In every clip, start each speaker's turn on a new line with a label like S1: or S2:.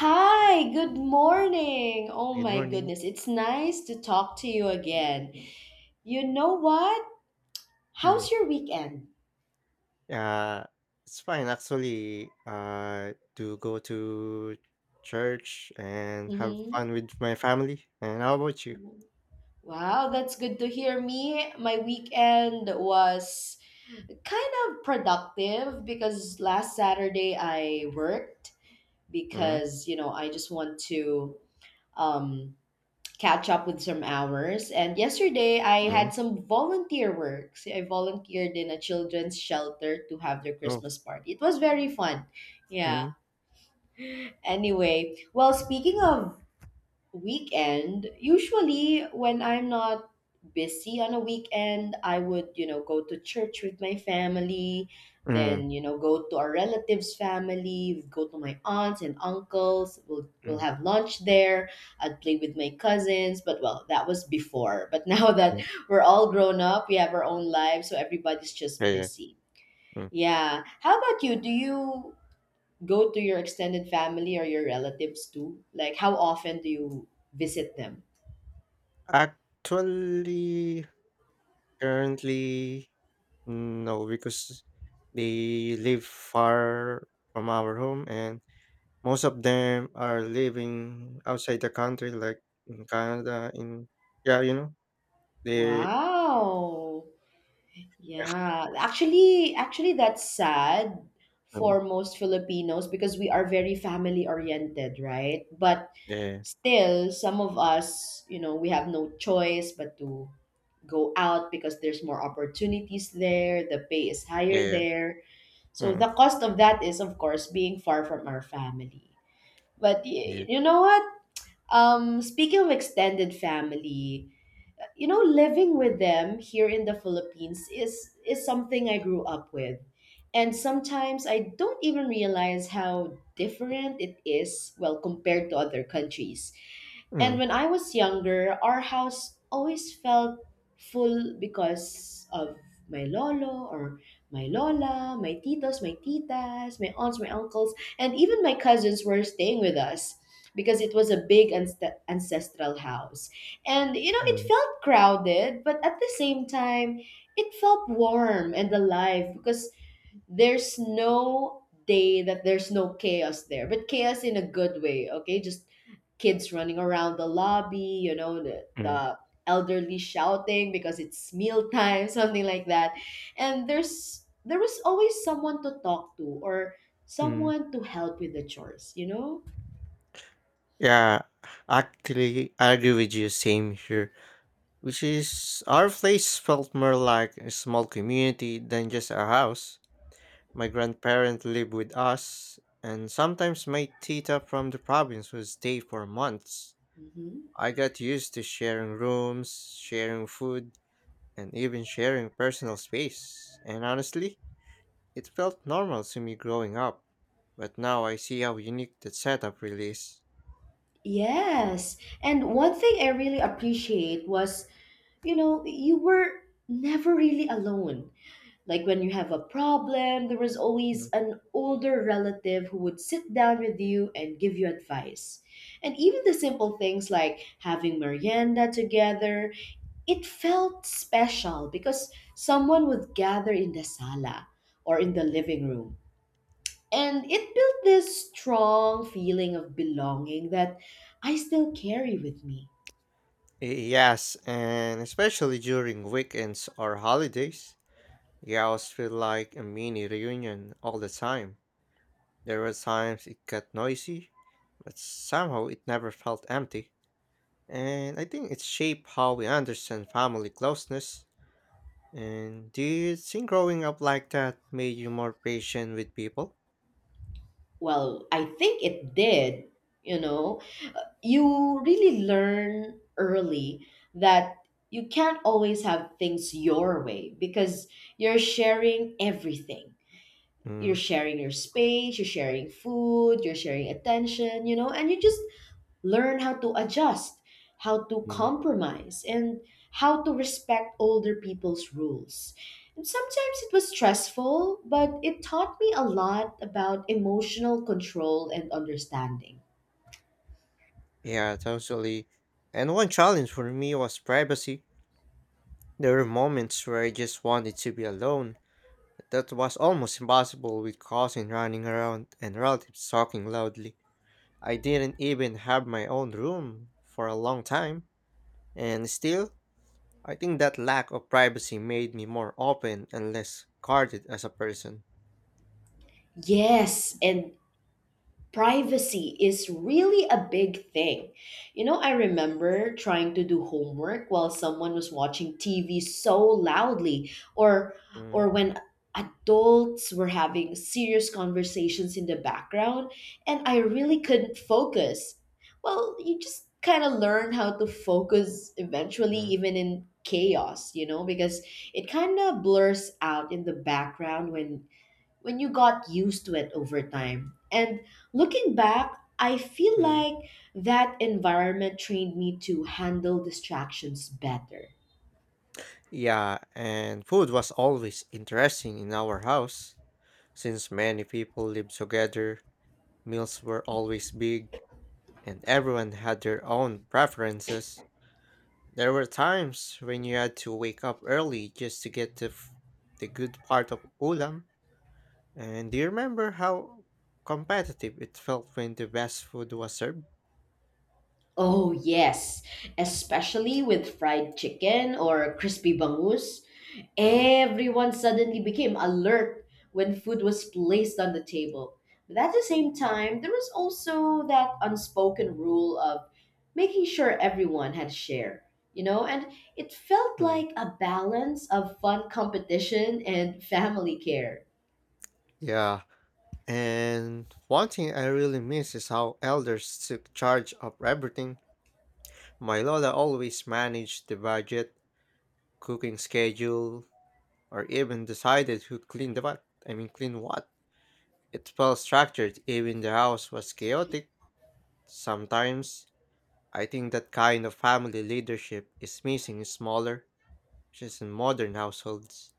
S1: Hi, good morning. Oh
S2: Good
S1: my
S2: morning.
S1: goodness, it's nice to talk to you again. You know what?
S2: Mm.
S1: How's your weekend?
S2: Uh, it's fine actually. To go to church and have
S1: hmm
S2: fun with my family. And how about you?
S1: Wow, that's good to hear me. My weekend was kind of productive because last Saturday I worked
S2: Mm.
S1: because, you know, I just want to um catch up with some hours. And yesterday, I
S2: Mm.
S1: had some volunteer work. See, I volunteered in a children's shelter to have their
S2: Oh.
S1: Christmas party. It was very fun. Yeah.
S2: Mm.
S1: Anyway, well, speaking of weekend, usually when I'm not busy on a weekend, I would, you know, go to church with my family,
S2: Mm.
S1: then, you know, go to our relatives, family, go to my aunts and uncles. We'll
S2: Mm.
S1: have lunch there. I'd play with my cousins, but well, that was before, but now that
S2: Mm.
S1: we're all grown up, we have our own lives, so everybody's
S2: Yeah,
S1: just
S2: yeah.
S1: busy.
S2: Mm.
S1: Yeah, how about you? Do you go to your extended family or your relatives too? Like, how often do you visit them?
S2: Actually, currently, no, because they live far from our home, and most of them are living outside the country, like in Canada. In yeah, you know. 네.
S1: Wow. Yeah. Actually, that's sad
S2: 음.
S1: for most Filipinos because we are very family oriented, right? But
S2: 예.
S1: still some of us, you know, we have no choice but to go out because there's more opportunities there, the pay is higher
S2: 예.
S1: there. So
S2: 음.
S1: the cost of that is, of course, being far from our family. But
S2: 예.
S1: you know what? Speaking of extended family, you know, living with them here in the Philippines is something I grew up with, and sometimes I don't even realize how different it is, well, compared to other countries. And
S2: 음.
S1: when I was younger, our house always felt full because of my lolo, or my lola, my titos, my titas, my aunts, my uncles, and even my cousins were staying with us because it was a big ancestral house. And you know, it
S2: 음.
S1: felt crowded, but at the same time, it felt warm and alive because there's no day that there's no chaos there, but chaos in a good way, okay? Just kids running around the lobby, you know, the,
S2: 음.
S1: the elderly shouting because it's mealtime, something like that. And there was always someone to talk to or
S2: Mm.
S1: someone to help with the chores, you know?
S2: Yeah, actually, I agree with you. Same here. Which is, our place felt more like a small community than just a house. My grandparents lived with us, and sometimes my tita from the province would stay for months.
S1: Mhm.
S2: I got used to sharing rooms, sharing food, and even sharing personal space. And honestly, it felt normal to me growing up, but now I see how unique that setup really is.
S1: Yes. And one thing I really appreciate was, you know, you were never really alone. Like when you have a problem, there was always
S2: Mm.
S1: an older relative who would sit down with you and give you advice. And even the simple things like having merienda together, it felt special because someone would gather in the sala or in the living room, and it built this strong feeling of belonging that I still carry with me.
S2: Y- Yes, and especially during weekends or holidays, the house felt like a mini reunion all the time. There were times it got noisy, but somehow it never felt empty. And I think it shaped how we understand family closeness. And do you think growing up like that made you more patient with people?
S1: Well, I think it did, you know. You really learn early that you can't always have things your way because you're sharing everything. You're
S2: Mm.
S1: sharing your space, you're sharing food, you're sharing attention, you know, and you just learn how to adjust, how to compromise, and how to respect older people's rules. And sometimes it was stressful, but it taught me a lot about emotional control and understanding.
S2: Yeah, totally. And one challenge for me was privacy. There were moments where I just wanted to be alone. That was almost impossible with cousin running around and relatives talking loudly. I didn't even have my own room for a long time. And still, I think that lack of privacy made me more open and less guarded as a person.
S1: Yes, and privacy is really a big thing. You know, I remember trying to do homework while someone was watching TV so loudly, or
S2: Mm,
S1: when adults were having serious conversations in the background, and I really couldn't focus. Well, you just kind of learn how to focus eventually
S2: mm,
S1: even in chaos, you know, because it kind of blurs out in the background when you got used to it over time. And looking back, I feel
S2: mm.
S1: like that environment trained me to handle distractions better.
S2: Yeah, and food was always interesting in our house. Since many people lived together, meals were always big, and everyone had their own preferences. There were times when you had to wake up early just to get the good part of ulam. And do you remember how competitive it felt when the best food was served?
S1: Oh, yes, especially with fried chicken or crispy bangus.
S2: Mm,
S1: Everyone suddenly became alert when food was placed on the table. But at the same time, there was also that unspoken rule of making sure everyone had a share, you know, and it felt
S2: mm.
S1: like a balance of fun competition and family care.
S2: Yeah. And one thing I really miss is how elders took charge of everything. My Lola always managed the budget, cooking schedule, or even decided who cleaned the what. I mean, clean what. It felt structured, even the house was chaotic. Sometimes I think that kind of family leadership is missing in smaller, just in modern households.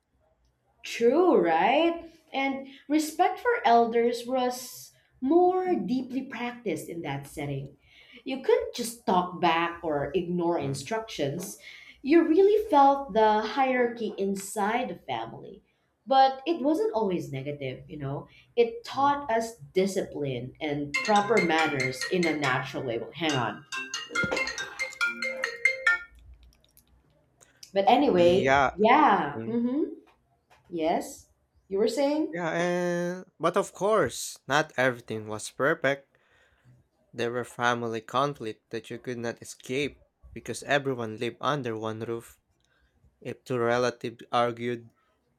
S1: True, right? And respect for elders was more deeply practiced in that setting. You couldn't just talk back or ignore
S2: Mm,
S1: instructions. You really felt the hierarchy inside the family. But it wasn't always negative, you know? It
S2: mm.
S1: taught us discipline and proper manners in a natural way. Well, hang on. But anyway,
S2: Yeah,
S1: yeah.
S2: mm,
S1: Mm-hmm. Yes? You were saying?
S2: yeah, and but of course, not everything was perfect. There were family conflict that you could not escape because everyone lived under one roof. If two relatives argued,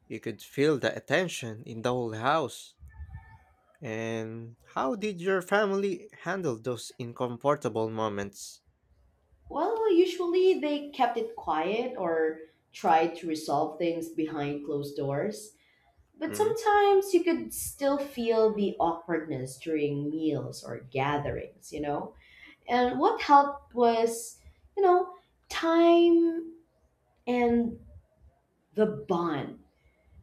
S2: you could feel the tension in the whole house. And how did your family handle those uncomfortable moments?
S1: Well, usually they kept it quiet or tried to resolve things behind closed doors. But
S2: Mm.
S1: sometimes you could still feel the awkwardness during meals or gatherings, you know? And what helped was, you know, time and the bond,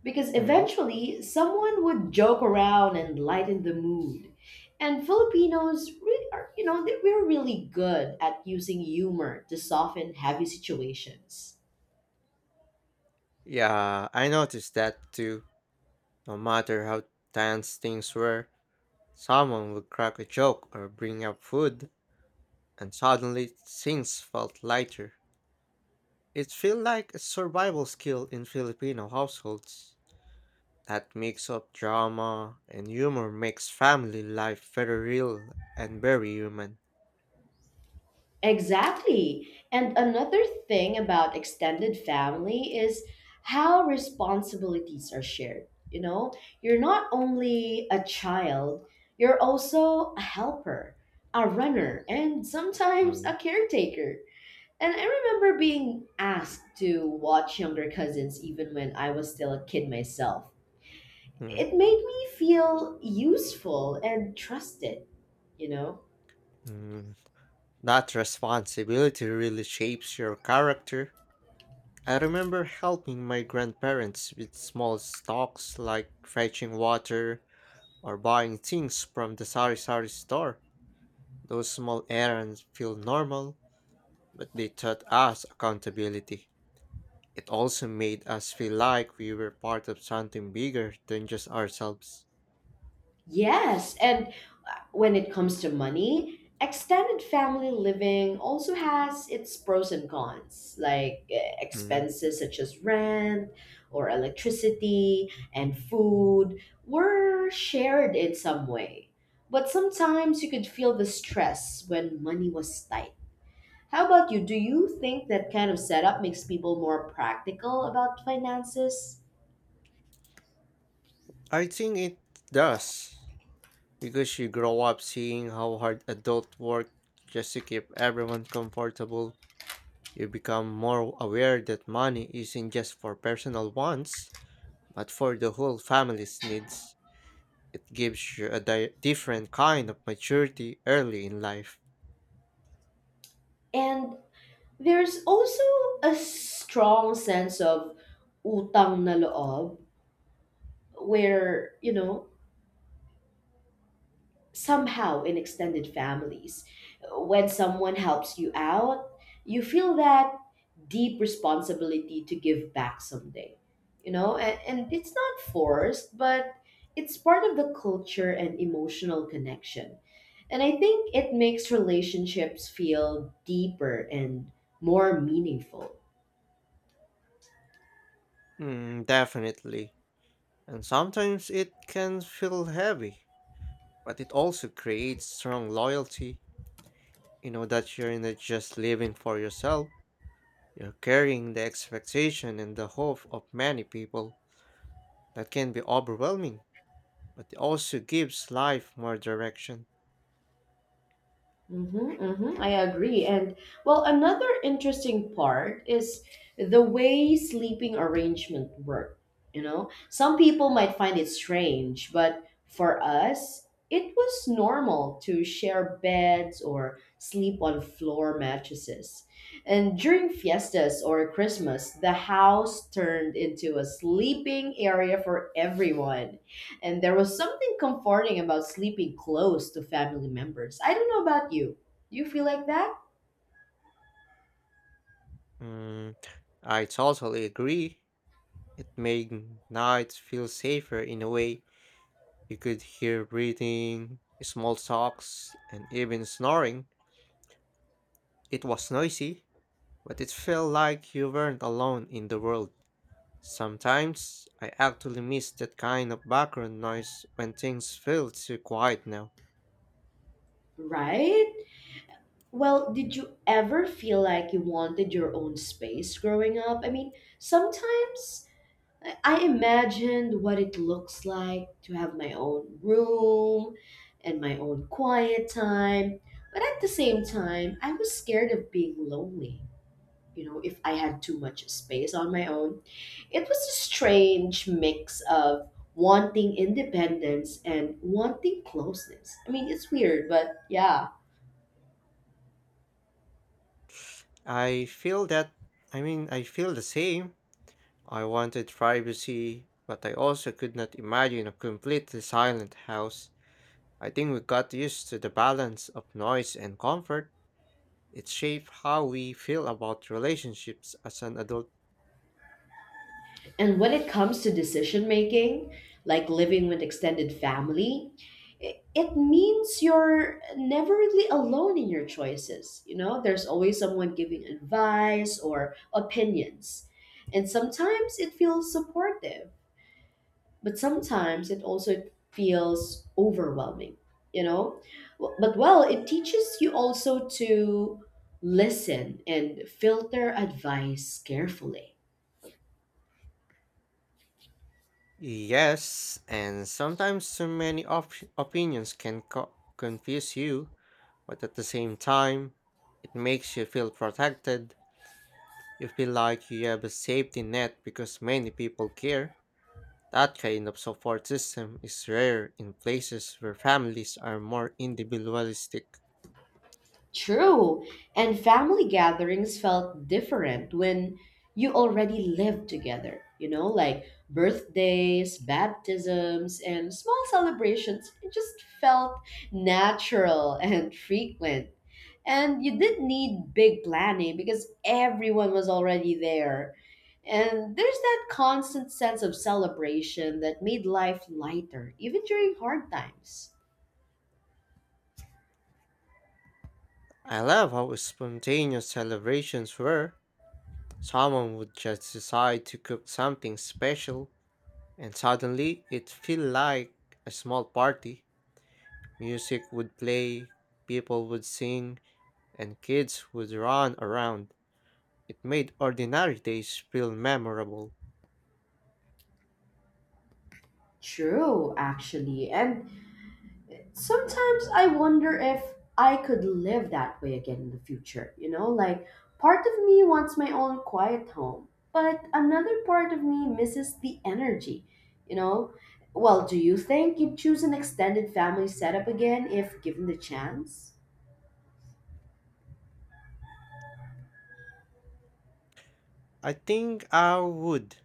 S1: because
S2: Mm.
S1: eventually, someone would joke around and lighten the mood. And Filipinos really are, you know, they we're really good at using humor to soften heavy situations.
S2: Yeah, I noticed that too. No matter how tense things were, someone would crack a joke or bring up food, and suddenly things felt lighter. It feels like a survival skill in Filipino households. That mix of drama and humor makes family life very real and very human.
S1: Exactly. And another thing about extended family is how responsibilities are shared. You know, you're not only a child, you're also a helper, a runner, and sometimes
S2: Mm,
S1: a caretaker. And I remember being asked to watch younger cousins even when I was still a kid myself.
S2: mm,
S1: It made me feel useful and trusted, you know?
S2: mm. That responsibility really shapes your character. I remember helping my grandparents with small stocks like fetching water or buying things from the Sari Sari store. Those small errands feel normal, but they taught us accountability. It also made us feel like we were part of something bigger than just ourselves.
S1: Yes, and when it comes to money, extended family living also has its pros and cons, like
S2: Mhm.
S1: expenses such as rent or electricity and food were shared in some way. But sometimes you could feel the stress when money was tight. How about you? Do you think that kind of setup makes people more practical about finances?
S2: I think it does, because you grow up seeing how hard adult work just to keep everyone comfortable. You become more aware that money isn't just for personal wants, but for the whole family's needs. It gives you a different kind of maturity early in life.
S1: And there's also a strong sense of utang na loob, where, you know, somehow in extended families, when someone helps you out, you feel that deep responsibility to give back someday, you know, and it's not forced, but it's part of the culture and emotional connection, and I think it makes relationships feel deeper and more meaningful.
S2: Mm, definitely. And sometimes it can feel heavy, but it also creates strong loyalty. You know that you're not just living for yourself, you're carrying the expectation and the hope of many people. That can be overwhelming, but it also gives life more direction.
S1: Mm-hmm, I agree. And well, another interesting part is the way sleeping arrangement work. You know, some people might find it strange, but for us, it was normal to share beds or sleep on floor mattresses. And during fiestas or Christmas, the house turned into a sleeping area for everyone. And there was something comforting about sleeping close to family members. I don't know about you. Do you feel like that?
S2: Mm, I totally agree. It made nights feel safer in a way. You could hear breathing, small talks, and even snoring. It was noisy, but it felt like you weren't alone in the world. Sometimes I actually miss that kind of background noise when things feel too quiet now.
S1: Right? Well, did you ever feel like you wanted your own space growing up? I mean, sometimes I imagined what it looks like to have my own room and my own quiet time, but at the same time, I was scared of being lonely, you know, if I had too much space on my own. It was a strange mix of wanting independence and wanting closeness. I mean, it's weird, but yeah.
S2: I feel that, I mean, I feel the same. I wanted privacy, but I also could not imagine a completely silent house. I think we got used to the balance of noise and comfort. It shaped how we feel about relationships as an adult.
S1: And when it comes to decision making, like living with extended family, it means you're never really alone in your choices. You know, there's always someone giving advice or opinions. And sometimes it feels supportive, but sometimes it also feels overwhelming, you know. But well, it teaches you also to listen and filter advice carefully.
S2: Yes, and sometimes too many opinions can confuse you, but at the same time, it makes you feel protected. You feel like you have a safety net because many people care. That kind of support system is rare in places where families are more individualistic.
S1: True, and family gatherings felt different when you already lived together, you know, like birthdays, baptisms, and small celebrations, it just felt natural and frequent. And you didn't need big planning because everyone was already there. And there's that constant sense of celebration that made life lighter, even during hard times.
S2: I love how spontaneous celebrations were. Someone would just decide to cook something special, and suddenly it felt like a small party. Music would play, people would sing, and kids would run around. It made ordinary days feel memorable.
S1: True, actually. And sometimes I wonder if I could live that way again in the future. You know, like part of me wants my own quiet home, but another part of me misses the energy. You know, well, do you think you'd choose an extended family setup again if given the chance?
S2: I think I would,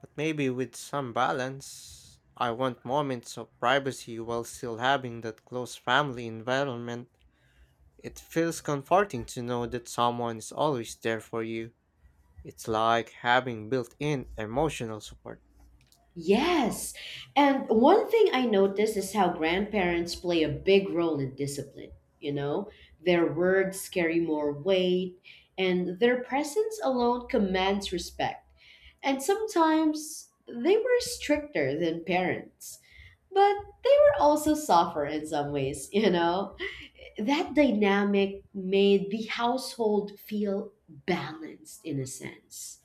S2: but maybe with some balance. I want moments of privacy while still having that close family environment. It feels comforting to know that someone is always there for you. It's like having built in emotional support.
S1: Yes. And one thing I noticed is how grandparents play a big role in discipline. You know, their words carry more weight, and their presence alone commands respect. And sometimes they were stricter than parents, but they were also softer in some ways, you know? That dynamic made the household feel balanced in a sense.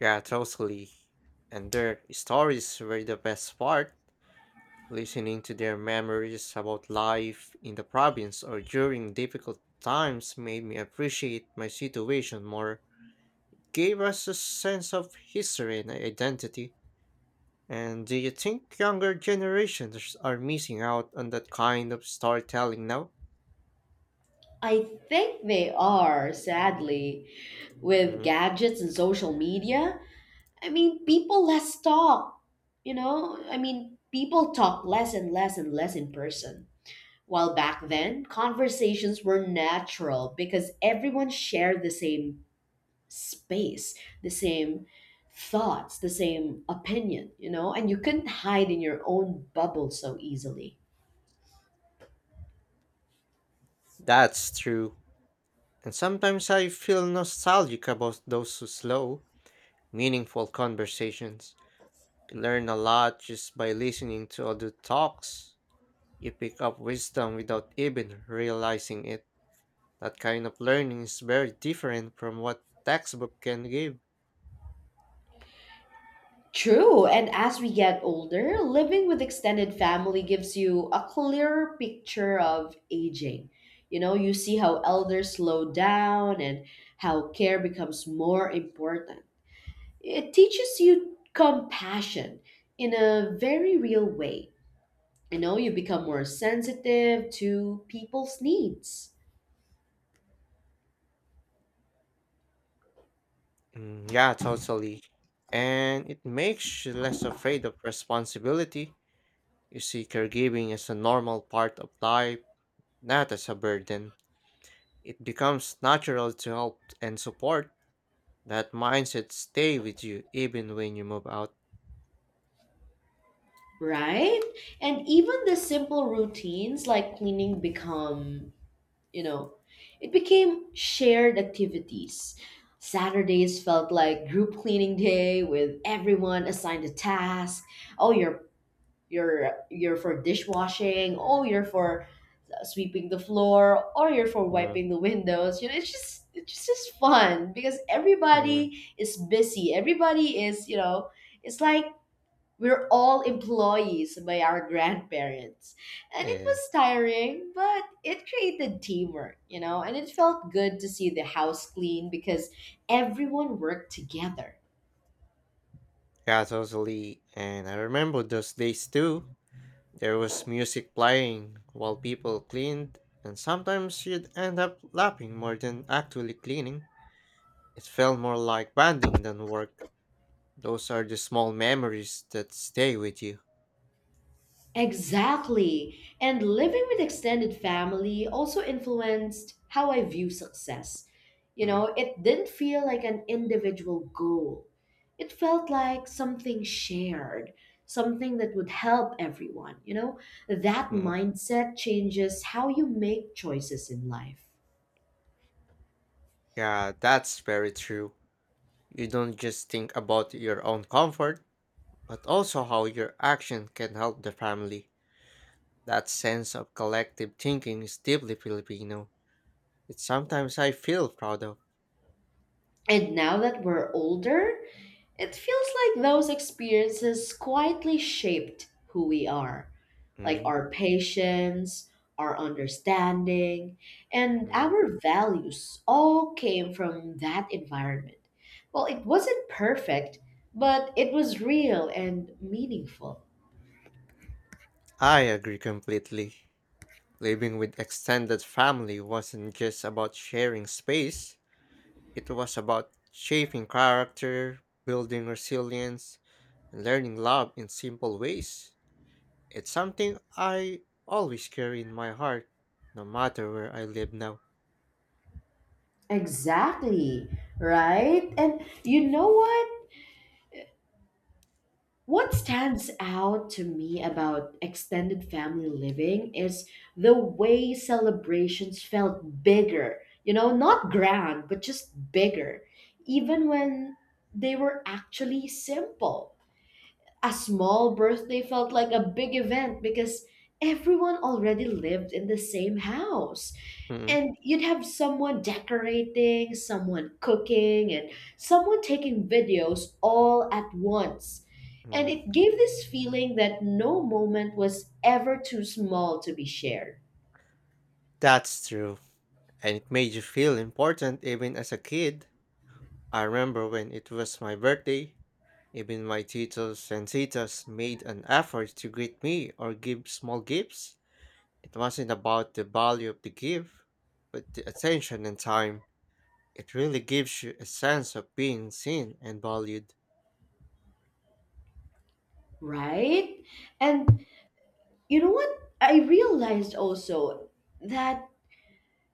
S2: Yeah, totally. And their stories were the best part. Listening to their memories about life in the province or during difficult times made me appreciate my situation more. Gave us a sense of history and identity. And do you think younger generations are missing out on that kind of storytelling now?
S1: I think they are, sadly, with gadgets and social media, I mean, people less talk. You know, I mean, people talk less and less and less in person. While back then, conversations were natural because everyone shared the same space, the same thoughts, the same opinion, you know, and you couldn't hide in your own bubble so easily.
S2: That's true. And sometimes I feel nostalgic about those slow, meaningful conversations. You learn a lot just by listening to other talks. You pick up wisdom without even realizing it. That kind of learning is very different from what textbook can give.
S1: True, and as we get older, living with extended family gives you a clearer picture of aging. You know, you see how elders slow down and how care becomes more important. It teaches you compassion in a very real way. You know, you become more sensitive to people's needs,
S2: Mm, yeah, totally. And it makes you less afraid of responsibility. You see caregiving as a normal part of life, not as a burden. It becomes natural to help and support. That mindset stay with you even when you move out.
S1: right? And even the simple routines like cleaning become, you know, it became shared activities. Saturdays felt like group cleaning day with everyone assigned a task. Oh, you're, you're for dishwashing, oh, you're for sweeping the floor, or you're for
S2: Mm.
S1: wiping the windows, you know, it's just, just fun because
S2: Mm,
S1: everybody is busy, everybody is, you know, it's like we're all employees by our grandparents. And it
S2: yeah,
S1: was tiring, but it created teamwork, you know, and it felt good to see the house clean because everyone worked together.
S2: yeah, totally. And I remember those days too. There was music playing while people cleaned, and sometimes you'd end up laughing more than actually cleaning. It felt more like bonding than work. Those are the small memories that stay with you.
S1: Exactly. And living with extended family also influenced how I view success. You
S2: Mm,
S1: know, it didn't feel like an individual goal, it felt like something shared, something that would help everyone. You know, that
S2: mm.
S1: mindset changes how you make choices in life.
S2: Yeah, that's very true. You don't just think about your own comfort, but also how your action can help the family. That sense of collective thinking is deeply Filipino. It's sometimes I feel proud of.
S1: And now that we're older, it feels like those experiences quietly shaped who we are, like
S2: Mm,
S1: our patience, our understanding, and
S2: mm.
S1: our values all came from that environment. Well, it wasn't perfect, but it was real and meaningful.
S2: I agree completely. Living with extended family wasn't just about sharing space, it was about shaping character, building resilience, and learning love in simple ways. It's something I always carry in my heart, no matter where I live now.
S1: Exactly, right? And you know what? What stands out to me about extended family living is the way celebrations felt bigger. You know, not grand, but just bigger, even when they were actually simple, a small birthday felt like a big event because everyone already lived in the same house.
S2: Mm,
S1: And you'd have someone decorating, someone cooking, and someone taking videos all at once. And
S2: mm.
S1: it gave this feeling that no moment was ever too small to be shared,
S2: That's true. And it made you feel important even as a kid. I remember when it was my birthday, even my titos and titas made an effort to greet me or give small gifts. It wasn't about the value of the gift, but the attention and time. It really gives you a sense of being seen and valued.
S1: right? And you know what? I realized also that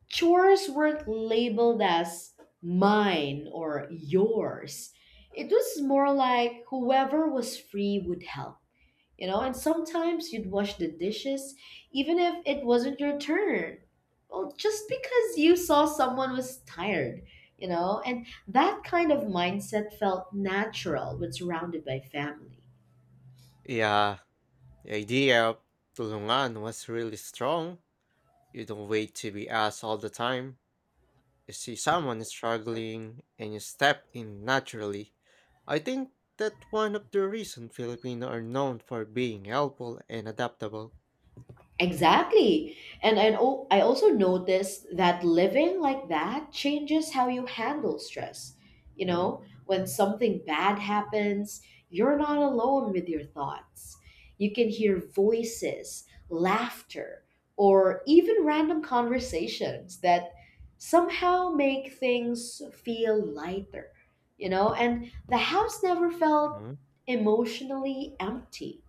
S1: chores weren't labeled as mine or yours. It was more like whoever was free would help, you know? And sometimes you'd wash the dishes even if it wasn't your turn. Well, just because you saw someone was tired, you know? And that kind of mindset felt natural when surrounded by family.
S2: Yeah, the idea of tulungan was really strong. You don't wait to be asked all the time you see someone struggling and you step in naturally. I think that one of the reasons Filipino are known for being helpful and adaptable.
S1: Exactly. And I, know, I also noticed that living like that changes how you handle stress. You know, when something bad happens, you're not alone with your thoughts. You can hear voices, laughter, or even random conversations that somehow make things feel lighter. You know, and the house never felt
S2: Mhm.
S1: emotionally empty.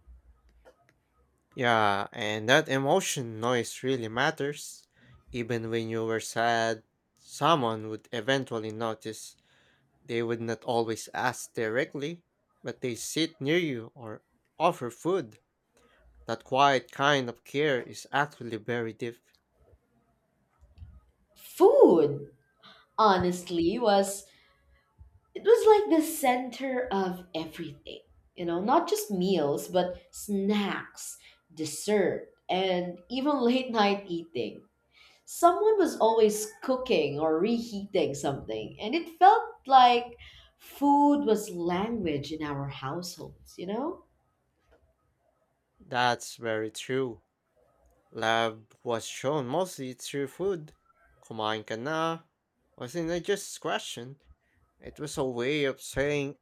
S2: Yeah, and that emotion noise really matters. Even when you were sad, someone would eventually notice. They would not always ask directly, but they sit near you or offer food. That quiet kind of care is actually very deep.
S1: Food, honestly, was, it was like the center of everything, you know, not just meals but snacks, dessert, and even late night eating. Someone was always cooking or reheating something, and it felt like food was language in our households, you know?
S2: That's very true. Love was shown mostly through food. Kumain ka na wasn't a just question. It was a way of saying,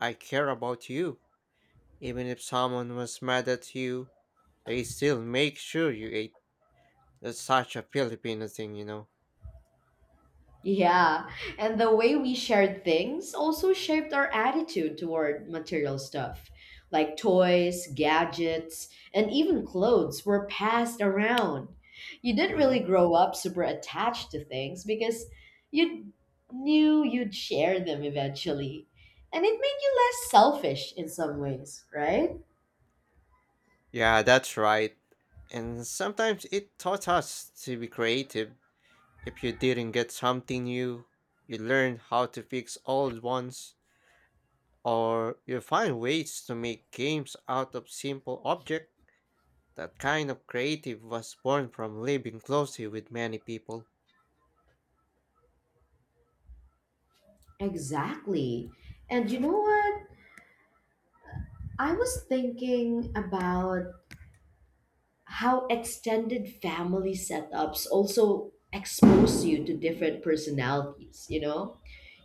S2: I care about you. Even if someone was mad at you, they still make sure you ate. That's such a Filipino thing, you know.
S1: Yeah, and the way we shared things also shaped our attitude toward material stuff. Like toys, gadgets, and even clothes were passed around. You didn't really
S2: Mhm.
S1: grow up super attached to things because you knew you'd share them eventually. And it made you less selfish in some ways, right?
S2: Yeah, that's right. And sometimes it taught us to be creative. If you didn't get something new, you learn how to fix old ones, or you find ways to make games out of simple objects. That kind of creative was born from living closely with many people.
S1: Exactly. And you know what? I was thinking about how extended family setups also expose you to different personalities, you know?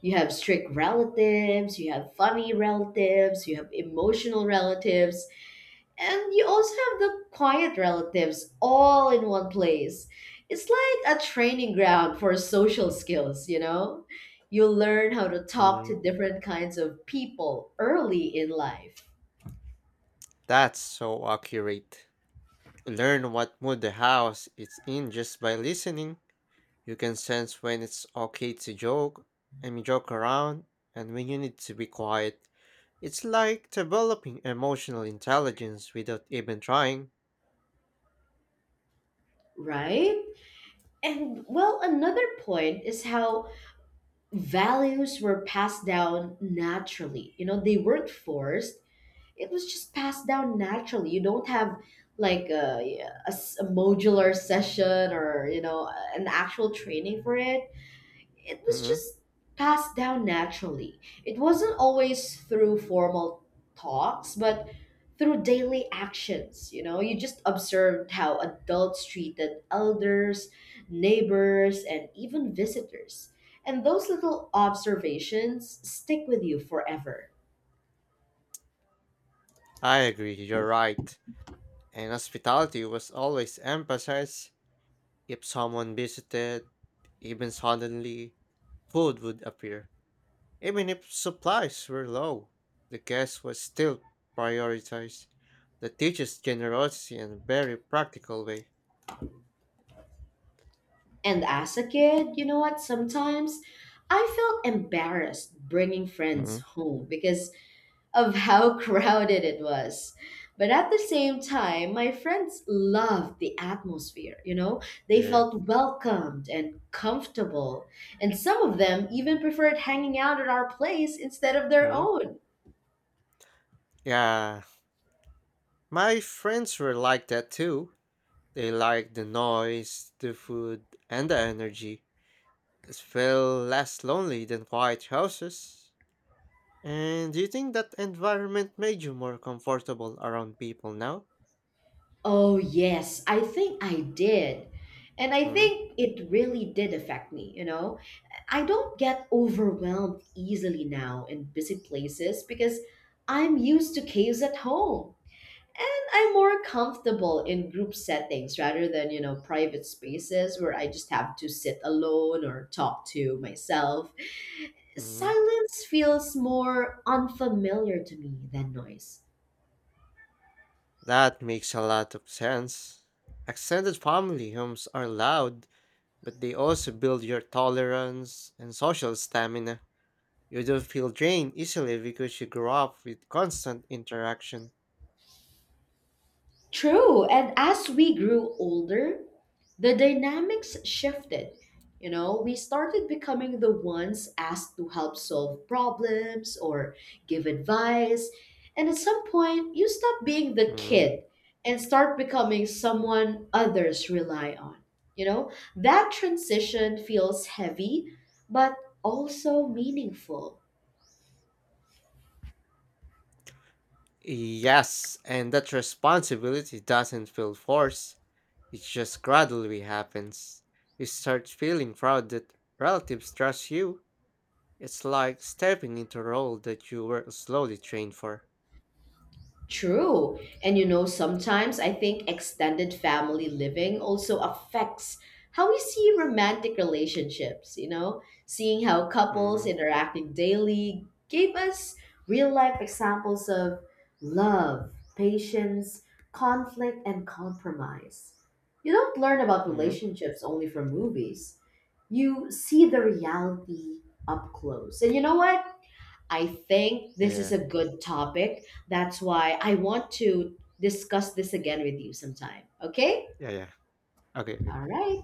S1: You have strict relatives, you have funny relatives, you have emotional relatives, and you also have the quiet relatives all in one place. It's like a training ground for social skills, you know? You learn how to talk
S2: Mm,
S1: to different kinds of people early in life.
S2: that's so accurate. Learn what mood the house is in just by listening. You can sense when it's okay to joke, I mean, joke around, and when you need to be quiet. It's like developing emotional intelligence without even trying.
S1: Right? And well, another point is how values were passed down naturally. You know, they weren't forced. It was just passed down naturally. You don't have like a modular session or you know an actual training for it, it was
S2: Hmm.
S1: just passed down naturally. It wasn't always through formal talks, but through daily actions. You know, you just observed how adults treated elders, neighbors, and even visitors. And those little observations stick with you forever.
S2: I agree, you're right. And hospitality was always emphasized. If someone visited, even suddenly, food would appear. Even if supplies were low, the guest was still prioritized. That teaches generosity in a very practical way.
S1: And as a kid, you know what? Sometimes I felt embarrassed bringing
S2: Hmm.
S1: friends home because of how crowded it was. But at the same time, my friends loved the atmosphere, you know? They
S2: Yeah.
S1: felt welcomed and comfortable. And some of them even preferred hanging out at our place instead of their
S2: Mhm.
S1: own.
S2: Yeah, my friends were like that too. They liked the noise, the food, and the energy. It felt less lonely than quiet houses. And do you think that environment made you more comfortable around people now?
S1: Oh, yes, I think I did. And I
S2: Mm.
S1: think it really did affect me, you know? I don't get overwhelmed easily now in busy places because I'm used to caves at home. And I'm more comfortable in group settings rather than, you know, private spaces where I just have to sit alone or talk to myself.
S2: Mm.
S1: Silence feels more unfamiliar to me than noise.
S2: That makes a lot of sense. Extended family homes are loud, but they also build your tolerance and social stamina. You don't feel drained easily because you grow up with constant interaction.
S1: True. And as we grew older, the dynamics shifted. You know, we started becoming the ones asked to help solve problems or give advice. And at some point, you stop being the
S2: Mm-hmm.
S1: kid and start becoming someone others rely on. You know, that transition feels heavy, but also meaningful.
S2: Yes, and that responsibility doesn't feel forced, it just gradually happens. You start feeling proud that relatives trust you. It's like stepping into a role that you were slowly trained for.
S1: True. And you know, sometimes I think extended family living also affects how we see romantic relationships, you know? Seeing how couples
S2: Mm-hmm.
S1: interacting daily gave us real life examples of love, patience, conflict, and compromise. You don't learn about
S2: Mm-hmm.
S1: relationships only from movies, you see the reality up close. And you know what? I think this is
S2: Yeah,
S1: a good topic. That's why I want to discuss this again with you sometime. Okay?
S2: yeah, yeah, yeah. Okay, okay.
S1: All right.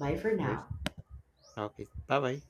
S1: Bye for
S2: All right.
S1: now.
S2: Okay, bye bye.